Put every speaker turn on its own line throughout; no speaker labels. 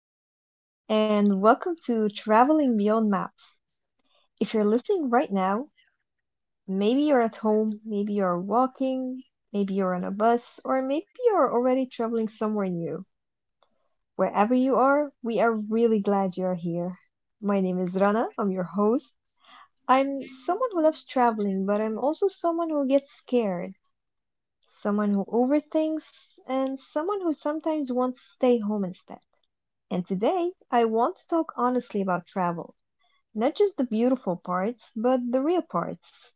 everyone, and welcome to Traveling Beyond Maps. If you're listening right now, maybe you're at home, maybe you're walking, maybe you're on a bus, or maybe you're already traveling somewhere new. Wherever you are, we are really glad you're here. My name is Rana, I'm your host. I'm someone who loves traveling, but I'm also someone who gets scared, someone who overthinks, and someone who sometimes wants to stay home instead. And today, I want to talk honestly about travel. Not just the beautiful parts, but the real parts.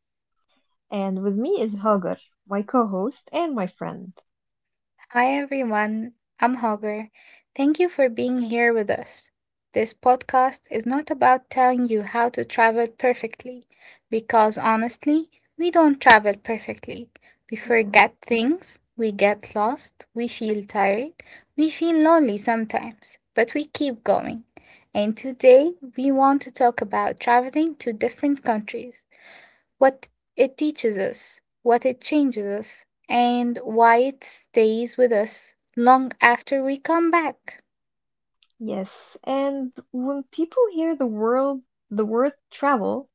And with me is Hagar, my co host and my friend.
Hi everyone, I'm Hagar. Thank you for being here with us. This podcast is not about telling you how to travel perfectly, because honestly, we don't travel perfectly. We
Yeah.
forget things, we get lost, we feel tired, we feel lonely sometimes, but we keep going. And today, we want to talk about traveling to different countries, what it teaches us, what it changes us, and why it stays with us long after we come back.
Yes, and when people hear the word travel,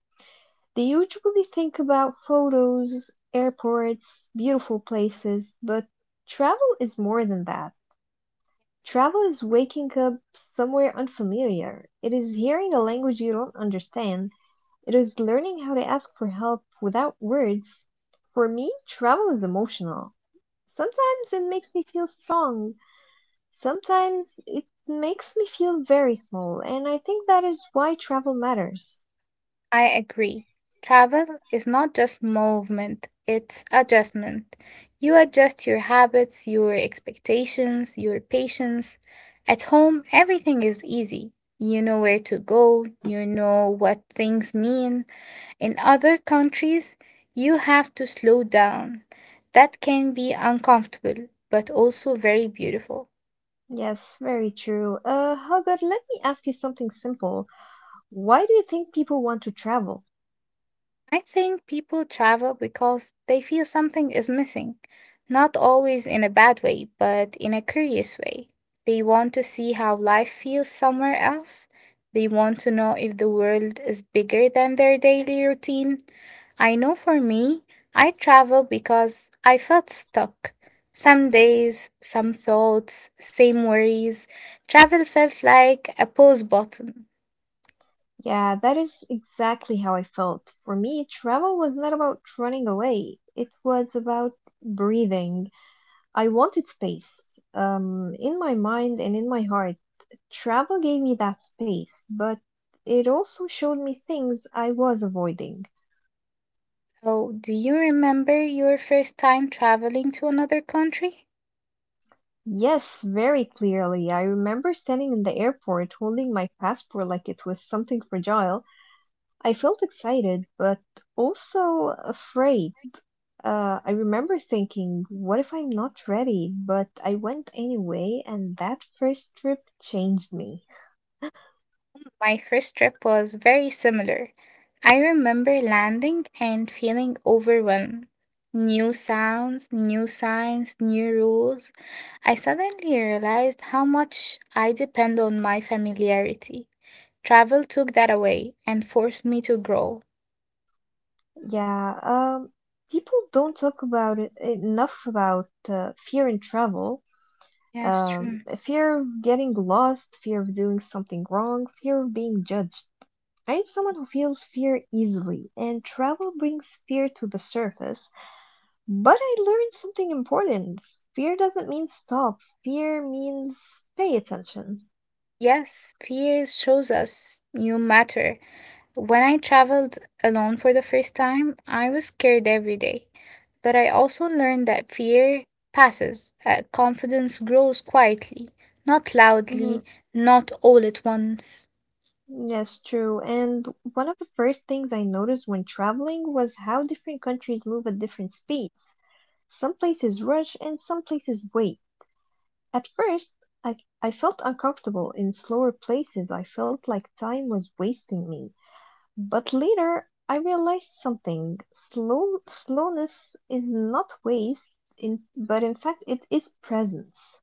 they usually think about photos, airports, beautiful places, but travel is more than that.
Yes,
Travel is waking up somewhere unfamiliar. It is hearing a language you don't understand. It is learning how to ask for help without words. For me, travel is emotional. Sometimes it makes me feel strong, sometimes it makes me feel very small, and I think that is why travel matters.
I agree. Travel is not just movement, it's adjustment. You adjust your habits, your expectations, your patience. At home, everything is easy. You know where to go, you know what things mean. In other countries, you have to slow down. That can be uncomfortable, but also very beautiful.
Yes, very true. Hogat, let me ask you something simple. Why do you think people want to travel?
I think people travel because they feel something is missing, not always in a bad way, but in a curious way. They want to see how life feels somewhere else. They want to know if the world is bigger than their daily routine. I know for me, I travel because I felt stuck. Some days, some thoughts, same worries. Travel felt like a pause button.
Yeah, that is exactly how I felt. For me, travel was not about running away. It was about breathing. I wanted space in my mind and in my heart. Travel gave me that space, but it also showed me things I was avoiding.
Oh, do you remember your first time traveling to another country?
Yes, very clearly. I remember standing in the airport holding my passport like it was something fragile. I felt excited, but also afraid. I remember thinking, what if I'm not ready? But I went anyway, and that first trip changed me.
My first trip was very similar. I remember landing and feeling overwhelmed. New sounds, new signs, new rules. I suddenly realized how much I depend on my familiarity. Travel took that away and forced me to grow.
Yeah, people don't talk about it enough about fear in travel.
Yes, true.
Fear of getting lost, fear of doing something wrong, fear of being judged. I am someone who feels fear easily, and travel brings fear to the surface. But I learned something important. Fear doesn't mean stop. Fear means pay attention.
Yes, fear shows us you matter. When I traveled alone for the first time, I was scared every day, but I also learned that fear passes, confidence grows quietly, not
Hmm.
loudly, not all at once.
Yes, true. And one of the first things I noticed when traveling was how different countries move at different speeds. Some places rush and some places wait. At first I I felt uncomfortable. In slower places I felt like time was wasting me. But later I realized something. Slowness is not waste, but in fact it is presence.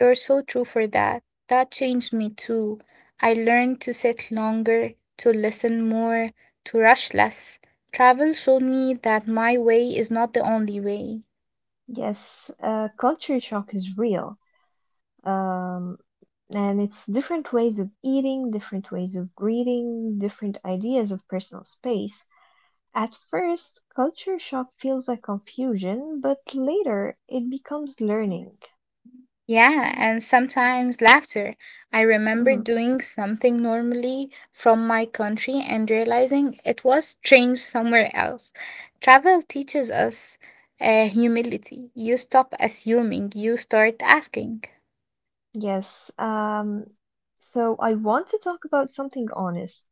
You're so true for that. That changed me too. I learned to sit longer, to listen more, to rush less. Travel showed me that my way is not the only way.
Yes, culture shock is real. Um, and it's different ways of eating, different ways of greeting, different ideas of personal space. At first, culture shock feels like confusion, but later it becomes learning.
Yeah, and sometimes laughter. I remember
Mhm.
doing something normally from my country and realizing it was strange somewhere else. Travel teaches us humility. You stop assuming, you start asking.
Yes. So I want to talk about something honest,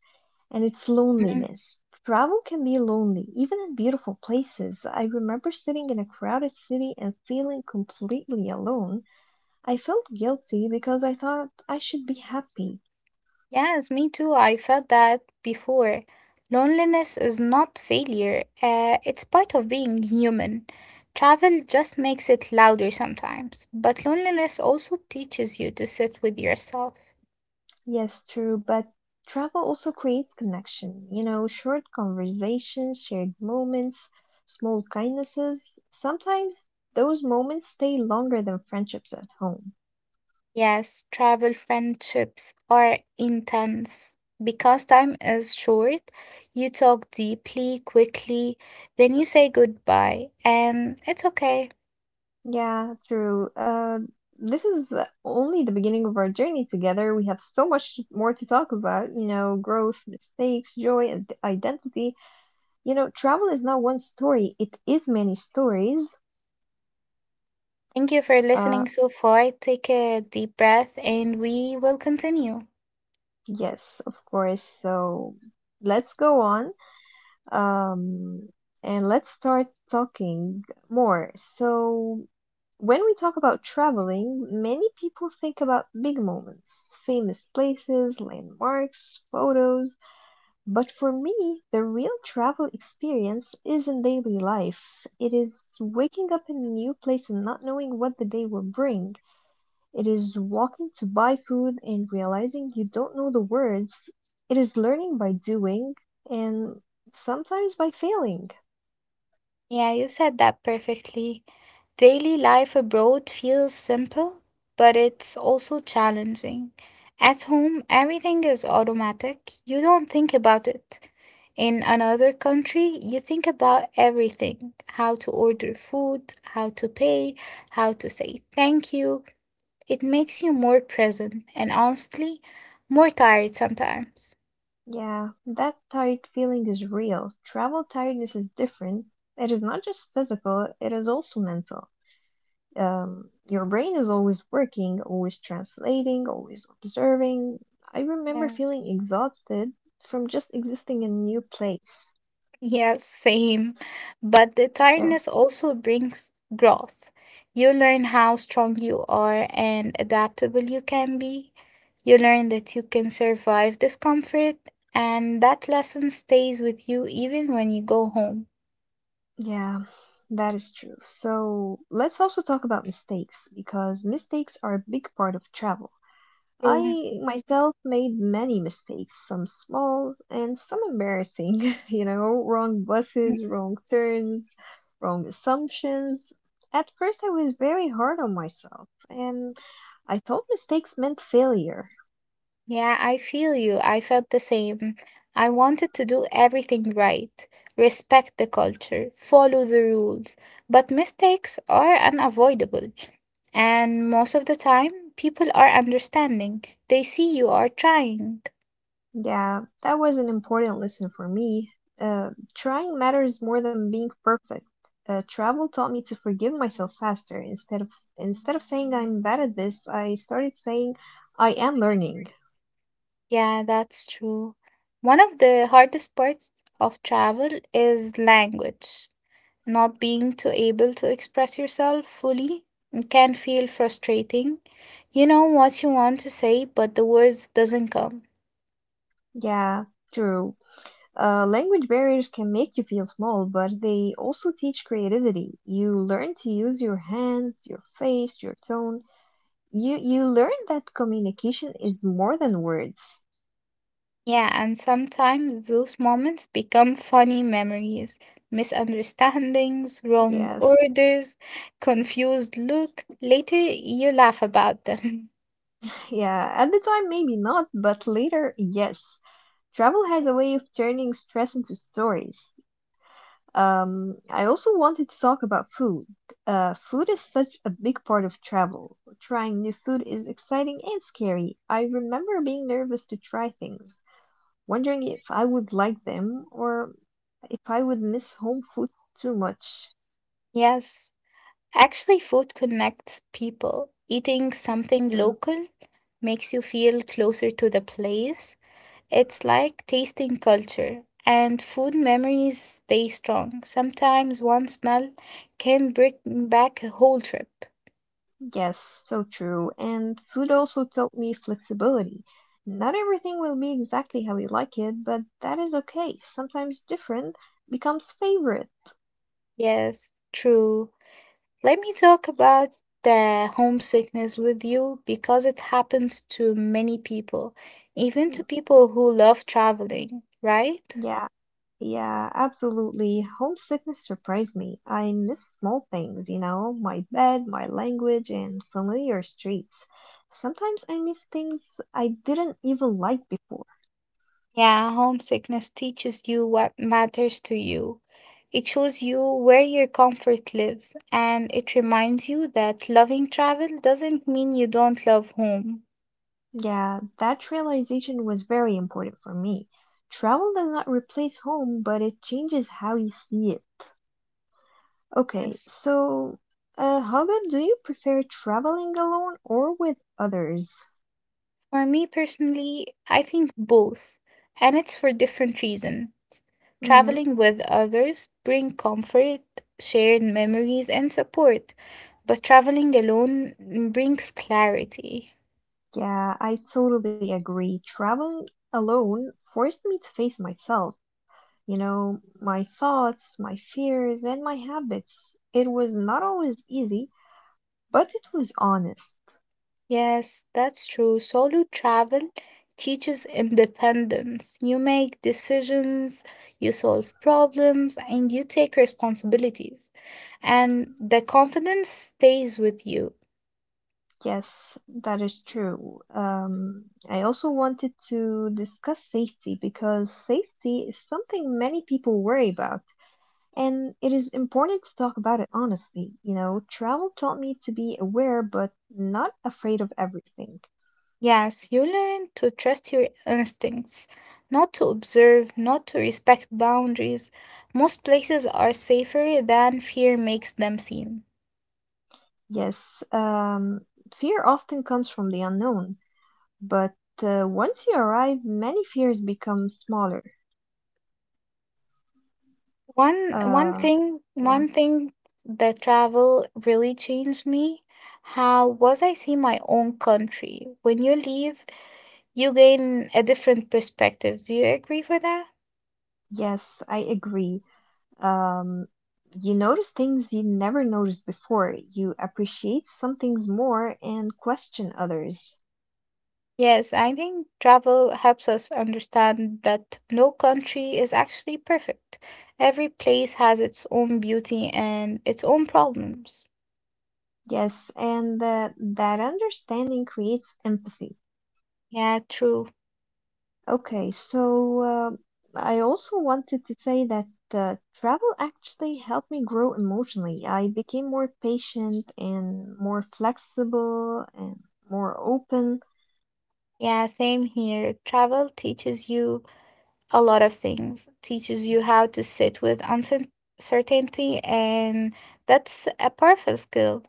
and it's loneliness. Travel can be lonely, even in beautiful places. I remember sitting in a crowded city and feeling completely alone. I felt guilty because I thought I should be happy.
Yes, me too. I felt that before. Loneliness is not failure, it's part of being human. Travel just makes it louder sometimes, but loneliness also teaches you to sit with yourself.
Yes, true, but travel also creates connection. You know, short conversations, shared moments, small kindnesses. Sometimes those moments stay longer than friendships at home.
Yes, travel friendships are intense. Because time is short, you talk deeply, quickly, then you say goodbye, and it's okay.
Yeah, true. This is only the beginning of our journey together. We have so much more to talk about, you know, growth, mistakes, joy, and identity. You know, travel is not one story, it is many stories.
Thank you for
Uh,
listening so far. Take a deep breath and we will continue.
yes, of course. So let's go on. Um, and let's start talking more. So, when we talk about traveling, many people think about big moments, famous places, landmarks, photos. But for me, the real travel experience is in daily life. It is waking up in a new place and not knowing what the day will bring. It is walking to buy food and realizing you don't know the words. It is learning by doing and sometimes by failing.
Yeah, you said that perfectly. Daily life abroad feels simple, but it's also challenging. At home, everything is automatic. You don't think about it. In another country, you think about everything: how to order food, how to pay, how to say thank you. It makes you more present and, honestly, more tired sometimes.
Yeah, that tired feeling is real. Travel tiredness is different. It is not just physical, it is also mental. Your brain is always working, always translating, always observing. I remember
Yes.
feeling exhausted from just existing in a new place.
Yes, same. But the
Uh,
tiredness also brings growth. You learn how strong you are and adaptable you can be. You learn that you can survive discomfort, and that lesson stays with you even when you go home.
Yeah, that is true. So let's also talk about mistakes because mistakes are a big part of travel.
True.
I myself made many mistakes, some small and some embarrassing, you know, wrong buses, wrong turns, wrong assumptions. At first, I was very hard on myself and I thought mistakes meant failure.
Yeah, I feel you. I felt the same. I wanted to do everything right, respect the culture, follow the rules, but mistakes are unavoidable. And most of the time, people are understanding. They see you are trying.
Yeah, that was an important lesson for me. Trying matters more than being perfect. Travel taught me to forgive myself faster. Instead of saying I'm bad at this, I started saying I am learning.
Yeah, that's true. One of the hardest parts of travel is language. Not being too able to express yourself fully can feel frustrating. You know what you want to say, but the words doesn't come.
Yeah, true. Language barriers can make you feel small, but they also teach creativity. You learn to use your hands, your face, your tone. You learn that communication is more than words.
Yeah, and sometimes those moments become funny memories: misunderstandings, wrong
Yes.
orders, confused look. Later you laugh about them.
Yeah, at the time, maybe not, but later, yes. Travel has a way of turning stress into stories. I also wanted to talk about food. Food is such a big part of travel. Trying new food is exciting and scary. I remember being nervous to try things, wondering if I would like them or if I would miss home food too much.
Yes, actually food connects people. Eating something
So,
local makes you feel closer to the place. It's like tasting culture, and food memories stay strong. Sometimes one smell can bring back a whole trip.
Yes, so true. And food also taught me flexibility. Not everything will be exactly how we like it, but that is okay. Sometimes different becomes favorite.
Yes, true. Let me talk about the homesickness with you, because it happens to many people, even
Mm,
to people who love traveling, right?
Yeah, yeah, absolutely. Homesickness surprised me. I miss small things, you know, my bed, my language, and familiar streets. Sometimes I miss things I didn't even like before.
Yeah, homesickness teaches you what matters to you. It shows you where your comfort lives, and it reminds you that loving travel doesn't mean you don't love home.
Yeah, that realization was very important for me. Travel does not replace home, but it changes how you see it. Okay,
Yes.
so Hogan, do you prefer traveling alone or with others?
For me personally, I think both, and it's for different reason.
Hmm.
Traveling with others bring comfort, shared memories, and support, but traveling alone brings clarity.
Yeah, I totally agree. Traveling alone forced me to face myself, you know, my thoughts, my fears, and my habits. It was not always easy, but it was honest.
Yes, that's true. Solo travel teaches independence. You make decisions, you solve problems, and you take responsibilities. And the confidence stays with you.
Yes, that is true. I also wanted to discuss safety because safety is something many people worry about, and it is important to talk about it honestly. You know, travel taught me to be aware but not afraid of everything.
Yes, you learn to trust your instincts, not to observe, not to respect boundaries. Most places are safer than fear makes them seem.
Yes, fear often comes from the unknown, but once you arrive, many fears become smaller.
One one
Uh,
thing
yeah.
one thing that travel really changed me, how was I see my own country. When you leave, you gain a different perspective. Do you agree for that?
Yes, I agree. Um, you notice things you never noticed before. You appreciate some things more and question others.
Yes, I think travel helps us understand that no country is actually perfect. Every place has its own beauty and its own problems.
Yes, and that understanding creates empathy.
Yeah, true.
Okay, so I also wanted to say that travel actually helped me grow emotionally. I became more patient and more flexible and more open.
Yeah, same here. Travel teaches you a lot of things, teaches you how to sit with uncertainty, and that's a powerful skill.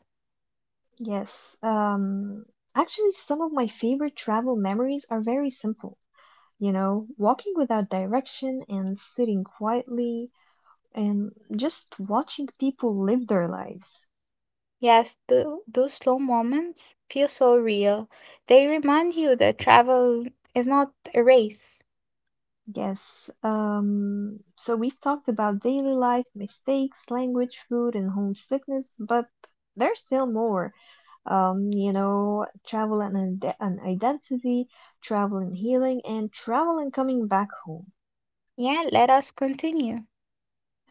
Yes, actually, some of my favorite travel memories are very simple. You know, walking without direction and sitting quietly and just watching people live their lives.
Yes, those slow moments feel so real. They remind you that travel is not a race.
Yes, so we've talked about daily life, mistakes, language, food, and homesickness, but there's still more. You know, travel and identity, travel and healing, and travel and coming back home.
Yeah, let us continue.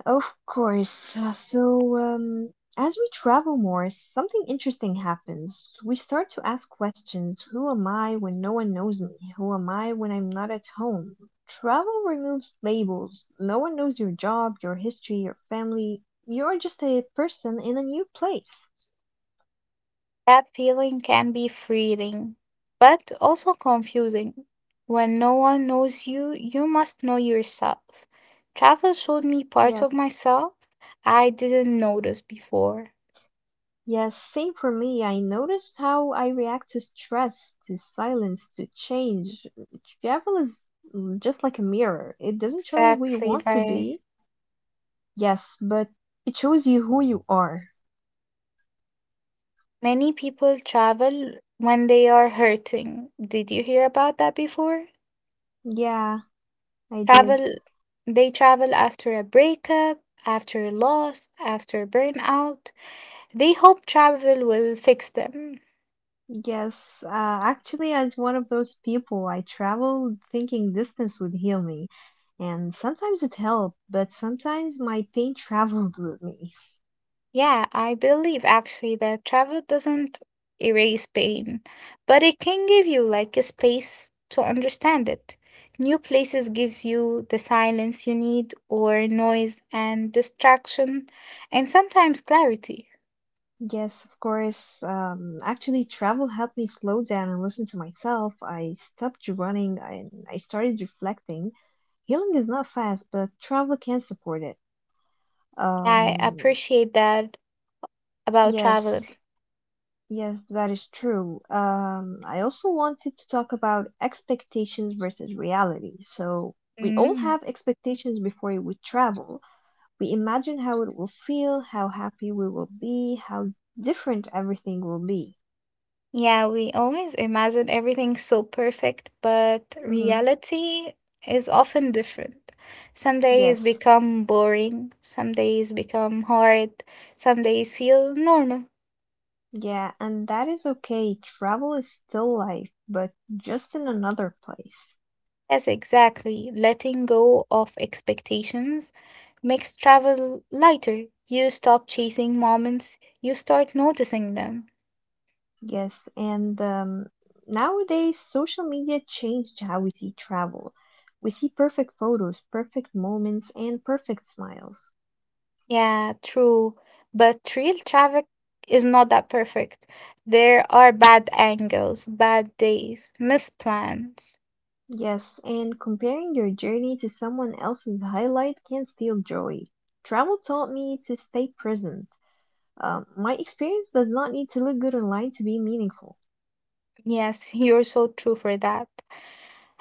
Of course. So, as we travel more, something interesting happens. We start to ask questions. Who am I when no one knows me? Who am I when I'm not at home? Travel removes labels. No one knows your job, your history, your family. You're just a person in a new place.
That feeling can be freeing, but also confusing. When no one knows you, you must know yourself. Travel showed me parts
Yes.
of myself I didn't notice before.
Yes, same for me. I noticed how I react to stress, to silence, to change. Travel is just like a mirror. It doesn't show you who you
Exactly
want to
right.
be. Yes, but it shows you who you are.
Many people travel when they are hurting. Did you hear about that before?
Yeah, I did.
Travel, they travel after a breakup, after a loss, after burnout. They hope travel will fix them.
Yes, actually, as one of those people, I traveled thinking distance would heal me. And sometimes it helped, but sometimes my pain traveled with me.
Yeah, I believe actually that travel doesn't erase pain, but it can give you like a space to understand it. New places gives you the silence you need, or noise and distraction, and sometimes clarity.
Yes, of course. Actually, travel helped me slow down and listen to myself. I stopped running and I started reflecting. Healing is not fast, but travel can support it.
I
Um,
appreciate that about travel.
yes, yes, that is true. I also wanted to talk about expectations versus reality. So, we all
Mm.
have expectations before we travel. We imagine how it will feel, how happy we will be, how different everything will be.
Yeah, we always imagine everything so perfect, but
Hmm.
reality is often different. Some days
Yes.
become boring, some days become hard, some days feel normal.
Yeah, and that is okay. Travel is still life, but just in another place.
Yes, exactly. Letting go of expectations makes travel lighter. You stop chasing moments, you start noticing them.
Yes, and nowadays social media changed how we see travel. We see perfect photos, perfect moments, and perfect smiles.
Yeah, true. But real traffic is not that perfect. There are bad angles, bad days, misplans.
Yes, and comparing your journey to someone else's highlight can steal joy. Travel taught me to stay present. My experience does not need to look good online to be meaningful.
Yes, you're so true for that.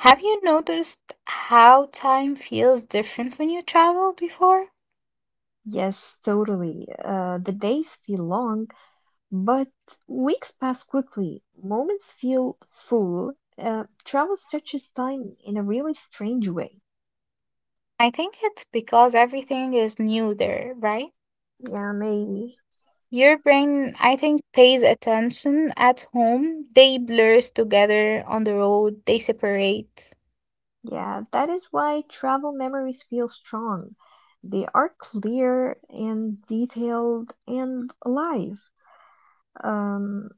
Have you noticed how time feels different when you travel before?
Yes, totally. The days feel long, but weeks pass quickly, moments feel full. Travel stretches time in a really strange way.
I think it's because everything is new there, right?
Yeah, maybe.
Your brain, I think, pays attention. At home, they blurs together; on the road, they separate.
Yeah, that is why travel memories feel strong. They are clear and detailed and alive. Um,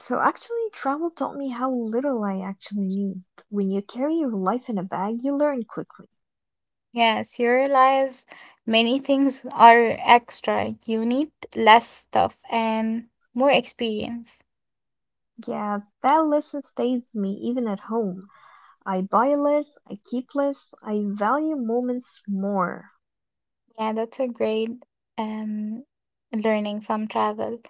so actually, travel taught me how little I actually need. When you carry your life in a bag, you learn quickly.
Yes, you realize many things are extra. You need less stuff and more experience.
Yeah, that lesson stays with me even at home. I buy less, I keep less, I value moments more.
Yeah, that's a great um learning from travel.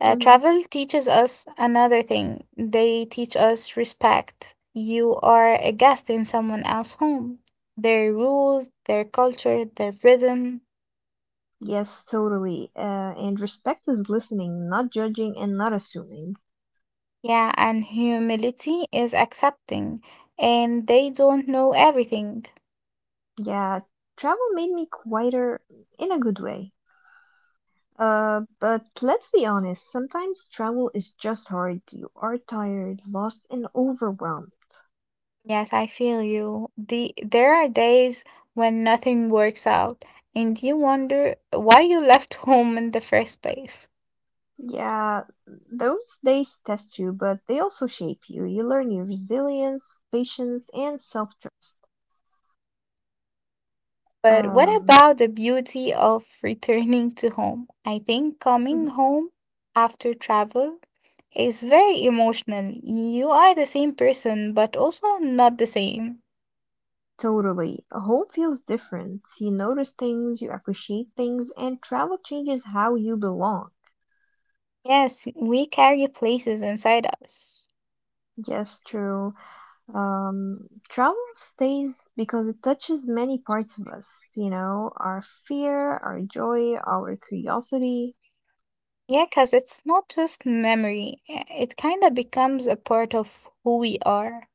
Hmm.
Travel teaches us another thing. They teach us respect. You are a guest in someone else's home. Their rules, their culture, their rhythm.
Yes, totally. And respect is listening, not judging, and not assuming.
Yeah, and humility is accepting, and they don't know everything.
Yeah, travel made me quieter in a good way. But let's be honest, sometimes travel is just hard. You are tired, lost, and overwhelmed.
Yes, I feel you. There are days when nothing works out and you wonder why you left home in the first place.
Yeah, those days test you, but they also shape you. You learn your resilience, patience, and self trust.
But what
Um,
about the beauty of returning to home? I think coming
mhm.
home after travel is very emotional. You are the same person, but also not the same.
Totally. Home feels different. You notice things, you appreciate things, and travel changes how you belong.
Yes, we carry places inside us.
Yes, true. Travel stays because it touches many parts of us, our fear, our joy, our curiosity.
Yeah, because it's not just memory, it kind of becomes a part of who we are.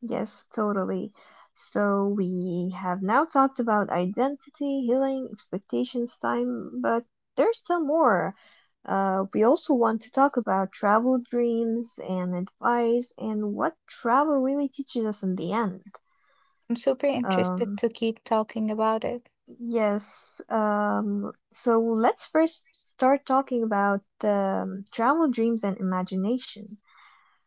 Yes, totally. So we have now talked about identity, healing, expectations, time, but there's still more. We also want to talk about travel dreams and advice and what travel really teaches us in the end.
I'm super interested
Um,
to keep talking about it.
yes, so let's first start talking about travel dreams and imagination.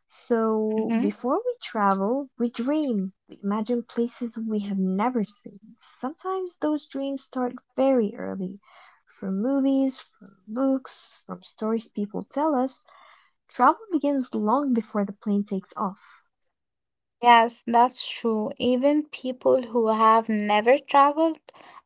So
Hmm.
before we travel, we dream. We imagine places we have never seen. Sometimes those dreams start very early. From movies, from books, from stories people tell us, travel begins long before the plane takes off.
Yes, that's true. Even people who have never traveled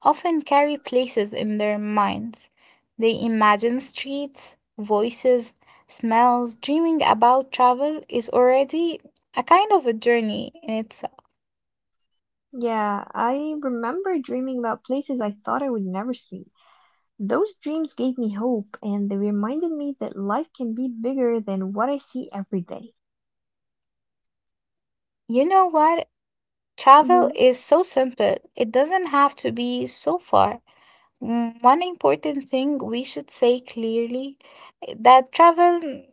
often carry places in their minds. They imagine streets, voices, smells. Dreaming about travel is already a kind of a journey in itself.
Yeah, I remember dreaming about places I thought I would never see. Those dreams gave me hope and they reminded me that life can be bigger than what I see every day.
You know what? Travel
Mhm.
is so simple, it doesn't have to be so far. One important thing we should say clearly, that travel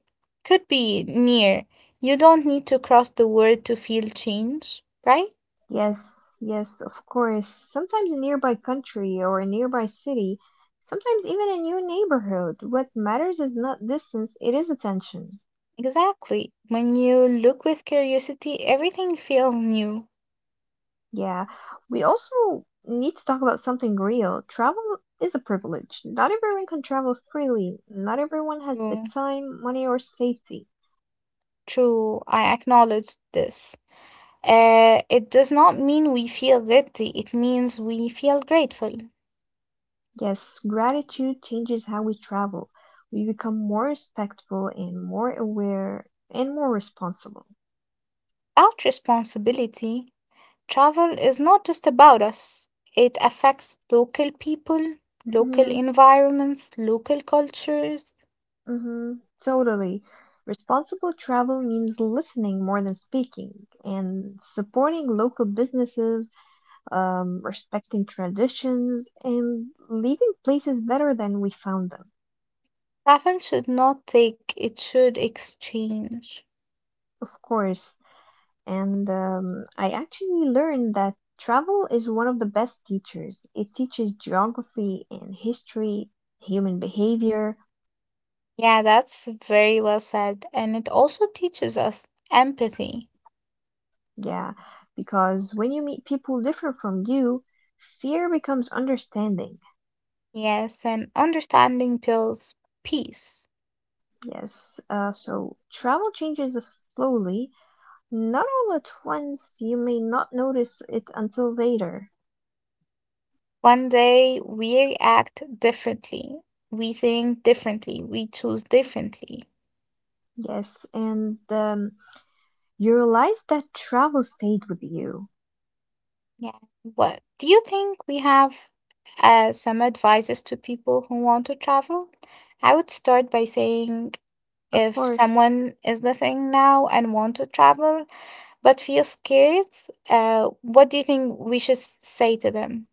could be near. You don't need to cross the world to feel change, right?
Yes, yes, of course. Sometimes a nearby country or a nearby city, sometimes even a new neighborhood. What matters is not distance, it is attention.
Exactly. When you look with curiosity, everything feels new.
Yeah, we also need to talk about something real. Travel is a privilege. Not everyone can travel freely, not everyone has the
True,
time, money, or safety.
true. I acknowledge this. It does not mean we feel guilty, it means we feel grateful.
Yes, gratitude changes how we travel. We become more respectful and more aware and more responsible.
Without responsibility, travel is not just about us, it affects local people, local
Mhm.
environments, local cultures.
Mm-hmm, totally. Responsible travel means listening more than speaking and supporting local businesses, respecting traditions, and leaving places better than we found them,
Travel should not take, it should exchange.
of course. And I actually learned that travel is one of the best teachers. It teaches geography and history, human behavior.
Yeah, that's very well said. And it also teaches us empathy.
Yeah, because when you meet people different from you, fear becomes understanding.
Yes, and understanding builds peace.
Yes, so travel changes slowly. Not all at once, you may not notice it until later.
One day we act differently, we think differently, we choose differently.
Yes, and you realize that travel stayed with you.
Yeah. What do you think, we have some advices to people who want to travel? I would start by saying,
Of
if
course.
someone is listening now and want to travel but feels scared, what do you think we should say to them?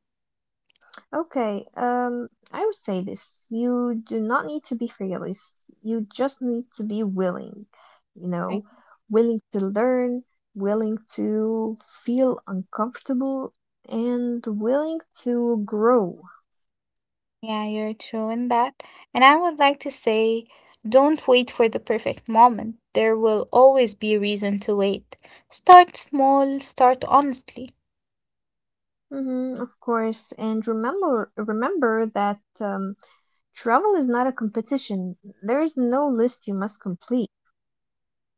Okay, I would say this. You do not need to be fearless. You just need to be willing, you
Right?
know, willing to learn, willing to feel uncomfortable, and willing to grow.
Yeah, you're true in that. And I would like to say, don't wait for the perfect moment. There will always be a reason to wait. Start small, start honestly.
Mhm, of course, and remember that travel is not a competition. There is no list you must complete.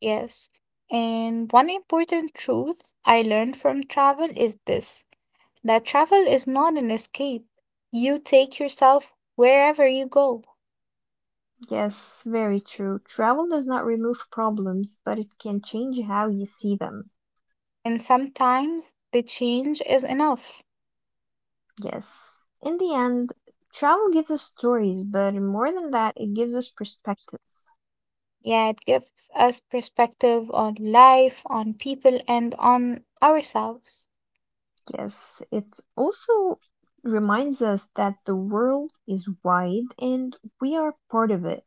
Yes. And one important truth I learned from travel is this, that travel is not an escape. You take yourself wherever you go,
Yes, very true. Travel does not remove problems, but it can change how you see them.
and sometimes the change is enough.
Yes. In the end, travel gives us stories, but more than that, it gives us perspective.
Yeah, it gives us perspective on life, on people, and on ourselves.
Yes, it also reminds us that the world is wide and we are part of it.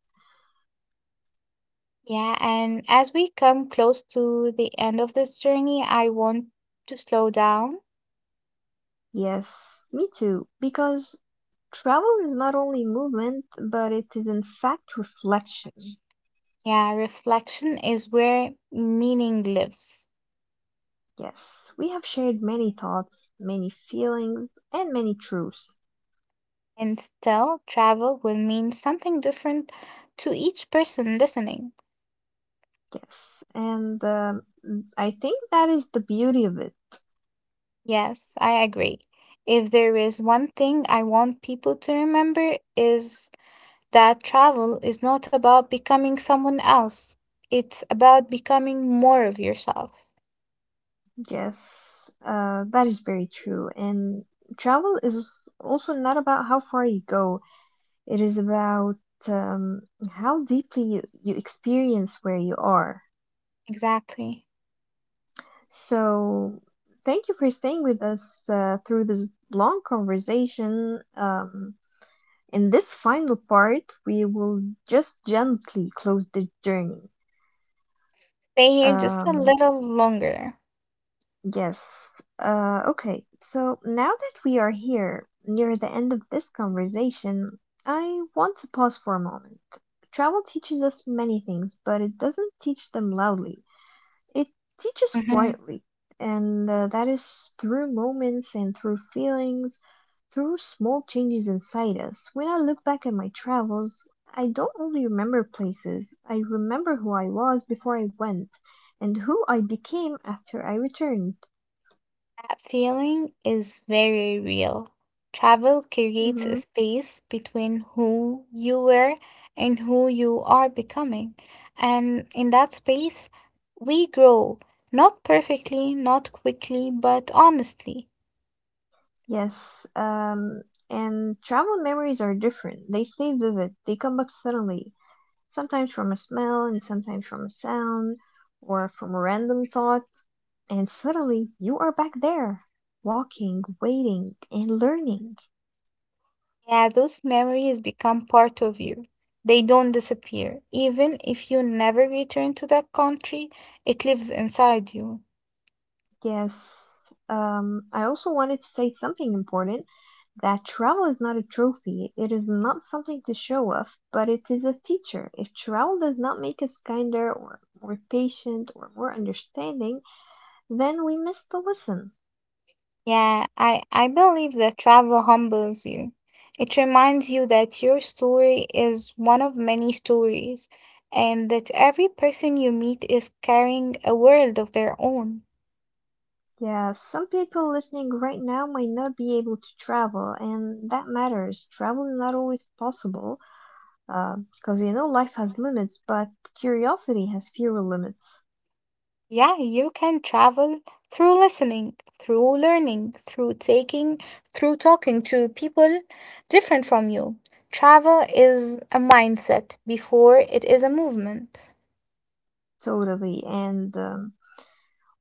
Yeah, and as we come close to the end of this journey, I want to slow down.
Yes, me too. Because travel is not only movement, but it is in fact reflection.
Yeah, reflection is where meaning lives.
Yes, we have shared many thoughts, many feelings, and many truths.
And still, travel will mean something different to each person listening.
Yes, and I think that is the beauty of it.
Yes, I agree. If there is one thing I want people to remember is that travel is not about becoming someone else. It's about becoming more of yourself.
Yes, that is very true. And travel is also not about how far you go, it is about um, how deeply you experience where you are.
Exactly.
So, thank you for staying with us through this long conversation. In this final part, we will just gently close the journey.
Stay here just a
Um,
little longer.
Yes. Okay. So now that we are here near the end of this conversation, I want to pause for a moment. Travel teaches us many things, but it doesn't teach them loudly. It teaches
Mhm.
quietly, and that is through moments and through feelings, through small changes inside us. When I look back at my travels, I don't only remember places, I remember who I was before I went and who I became after I returned.
That feeling is very real. Travel creates a
Mm-hmm.
space between who you were and who you are becoming. And in that space, we grow, not perfectly, not quickly, but honestly.
Yes. And travel memories are different. They stay vivid. They come back suddenly, sometimes from a smell, and sometimes from a sound, or from a random thought. And suddenly you are back there, walking, waiting, and learning.
Yeah, those memories become part of you. They don't disappear. Even if you never return to that country, it lives inside you.
Yes. I also wanted to say something important that travel is not a trophy. It is not something to show off, but it is a teacher. If travel does not make us kinder or more patient or more understanding, then we miss the lesson.
Yeah, I believe that travel humbles you. It reminds you that your story is one of many stories, and that every person you meet is carrying a world of their own.
Yeah, some people listening right now might not be able to travel, and that matters. Travel is not always possible, because you know life has limits, but curiosity has fewer limits.
Yeah, you can travel through listening, through learning, through taking, through talking to people different from you. Travel is a mindset before it is a movement.
Totally. And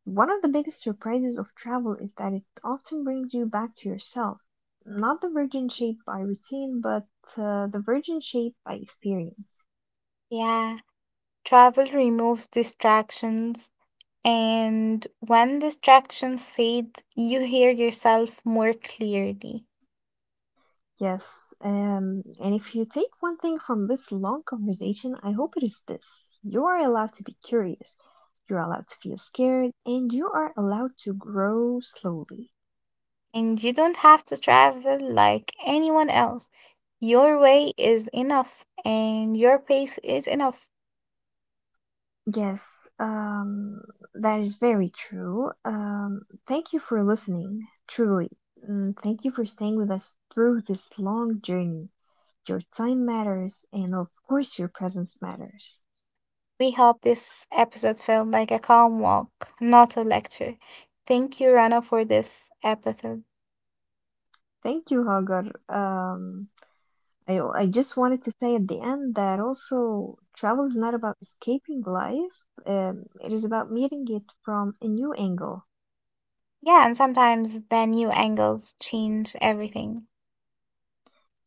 one of the biggest surprises of travel is that it often brings you back to yourself. Not the virgin shaped by routine, but the virgin shaped by experience.
Yeah. Travel removes distractions, and when distractions fade, you hear yourself more clearly.
Yes, and if you take one thing from this long conversation, I hope it is this. You are allowed to be curious, you are allowed to feel scared, and you are allowed to grow slowly.
And you don't have to travel like anyone else. Your way is enough, and your pace is enough.
Yes, that is very true. Thank you for listening, truly. Mm, thank you for staying with us through this long journey. Your time matters, and of course, your presence matters.
We hope this episode felt like a calm walk, not a lecture. Thank you, Rana, for this episode.
Thank you, Hagar. I just wanted to say at the end that also travel is not about escaping life. It is about meeting it from a new angle.
Yeah, and sometimes the new angles change everything.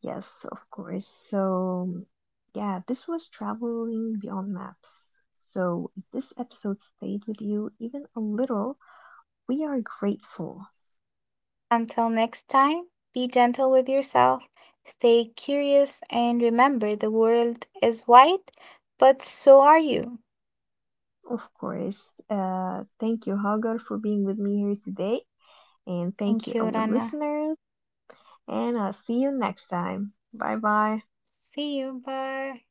Yes, of course. So yeah, this was traveling beyond maps. So if this episode stayed with you even a little, we are grateful.
Until next time, be gentle with yourself, stay curious, and remember the world is wide, but so are you.
Of course. Thank you, Hagar, for being with me here today, and thank
Thank
you,
you,
our
Rana.
listeners. And I'll see you next time. Bye bye.
See you. Bye.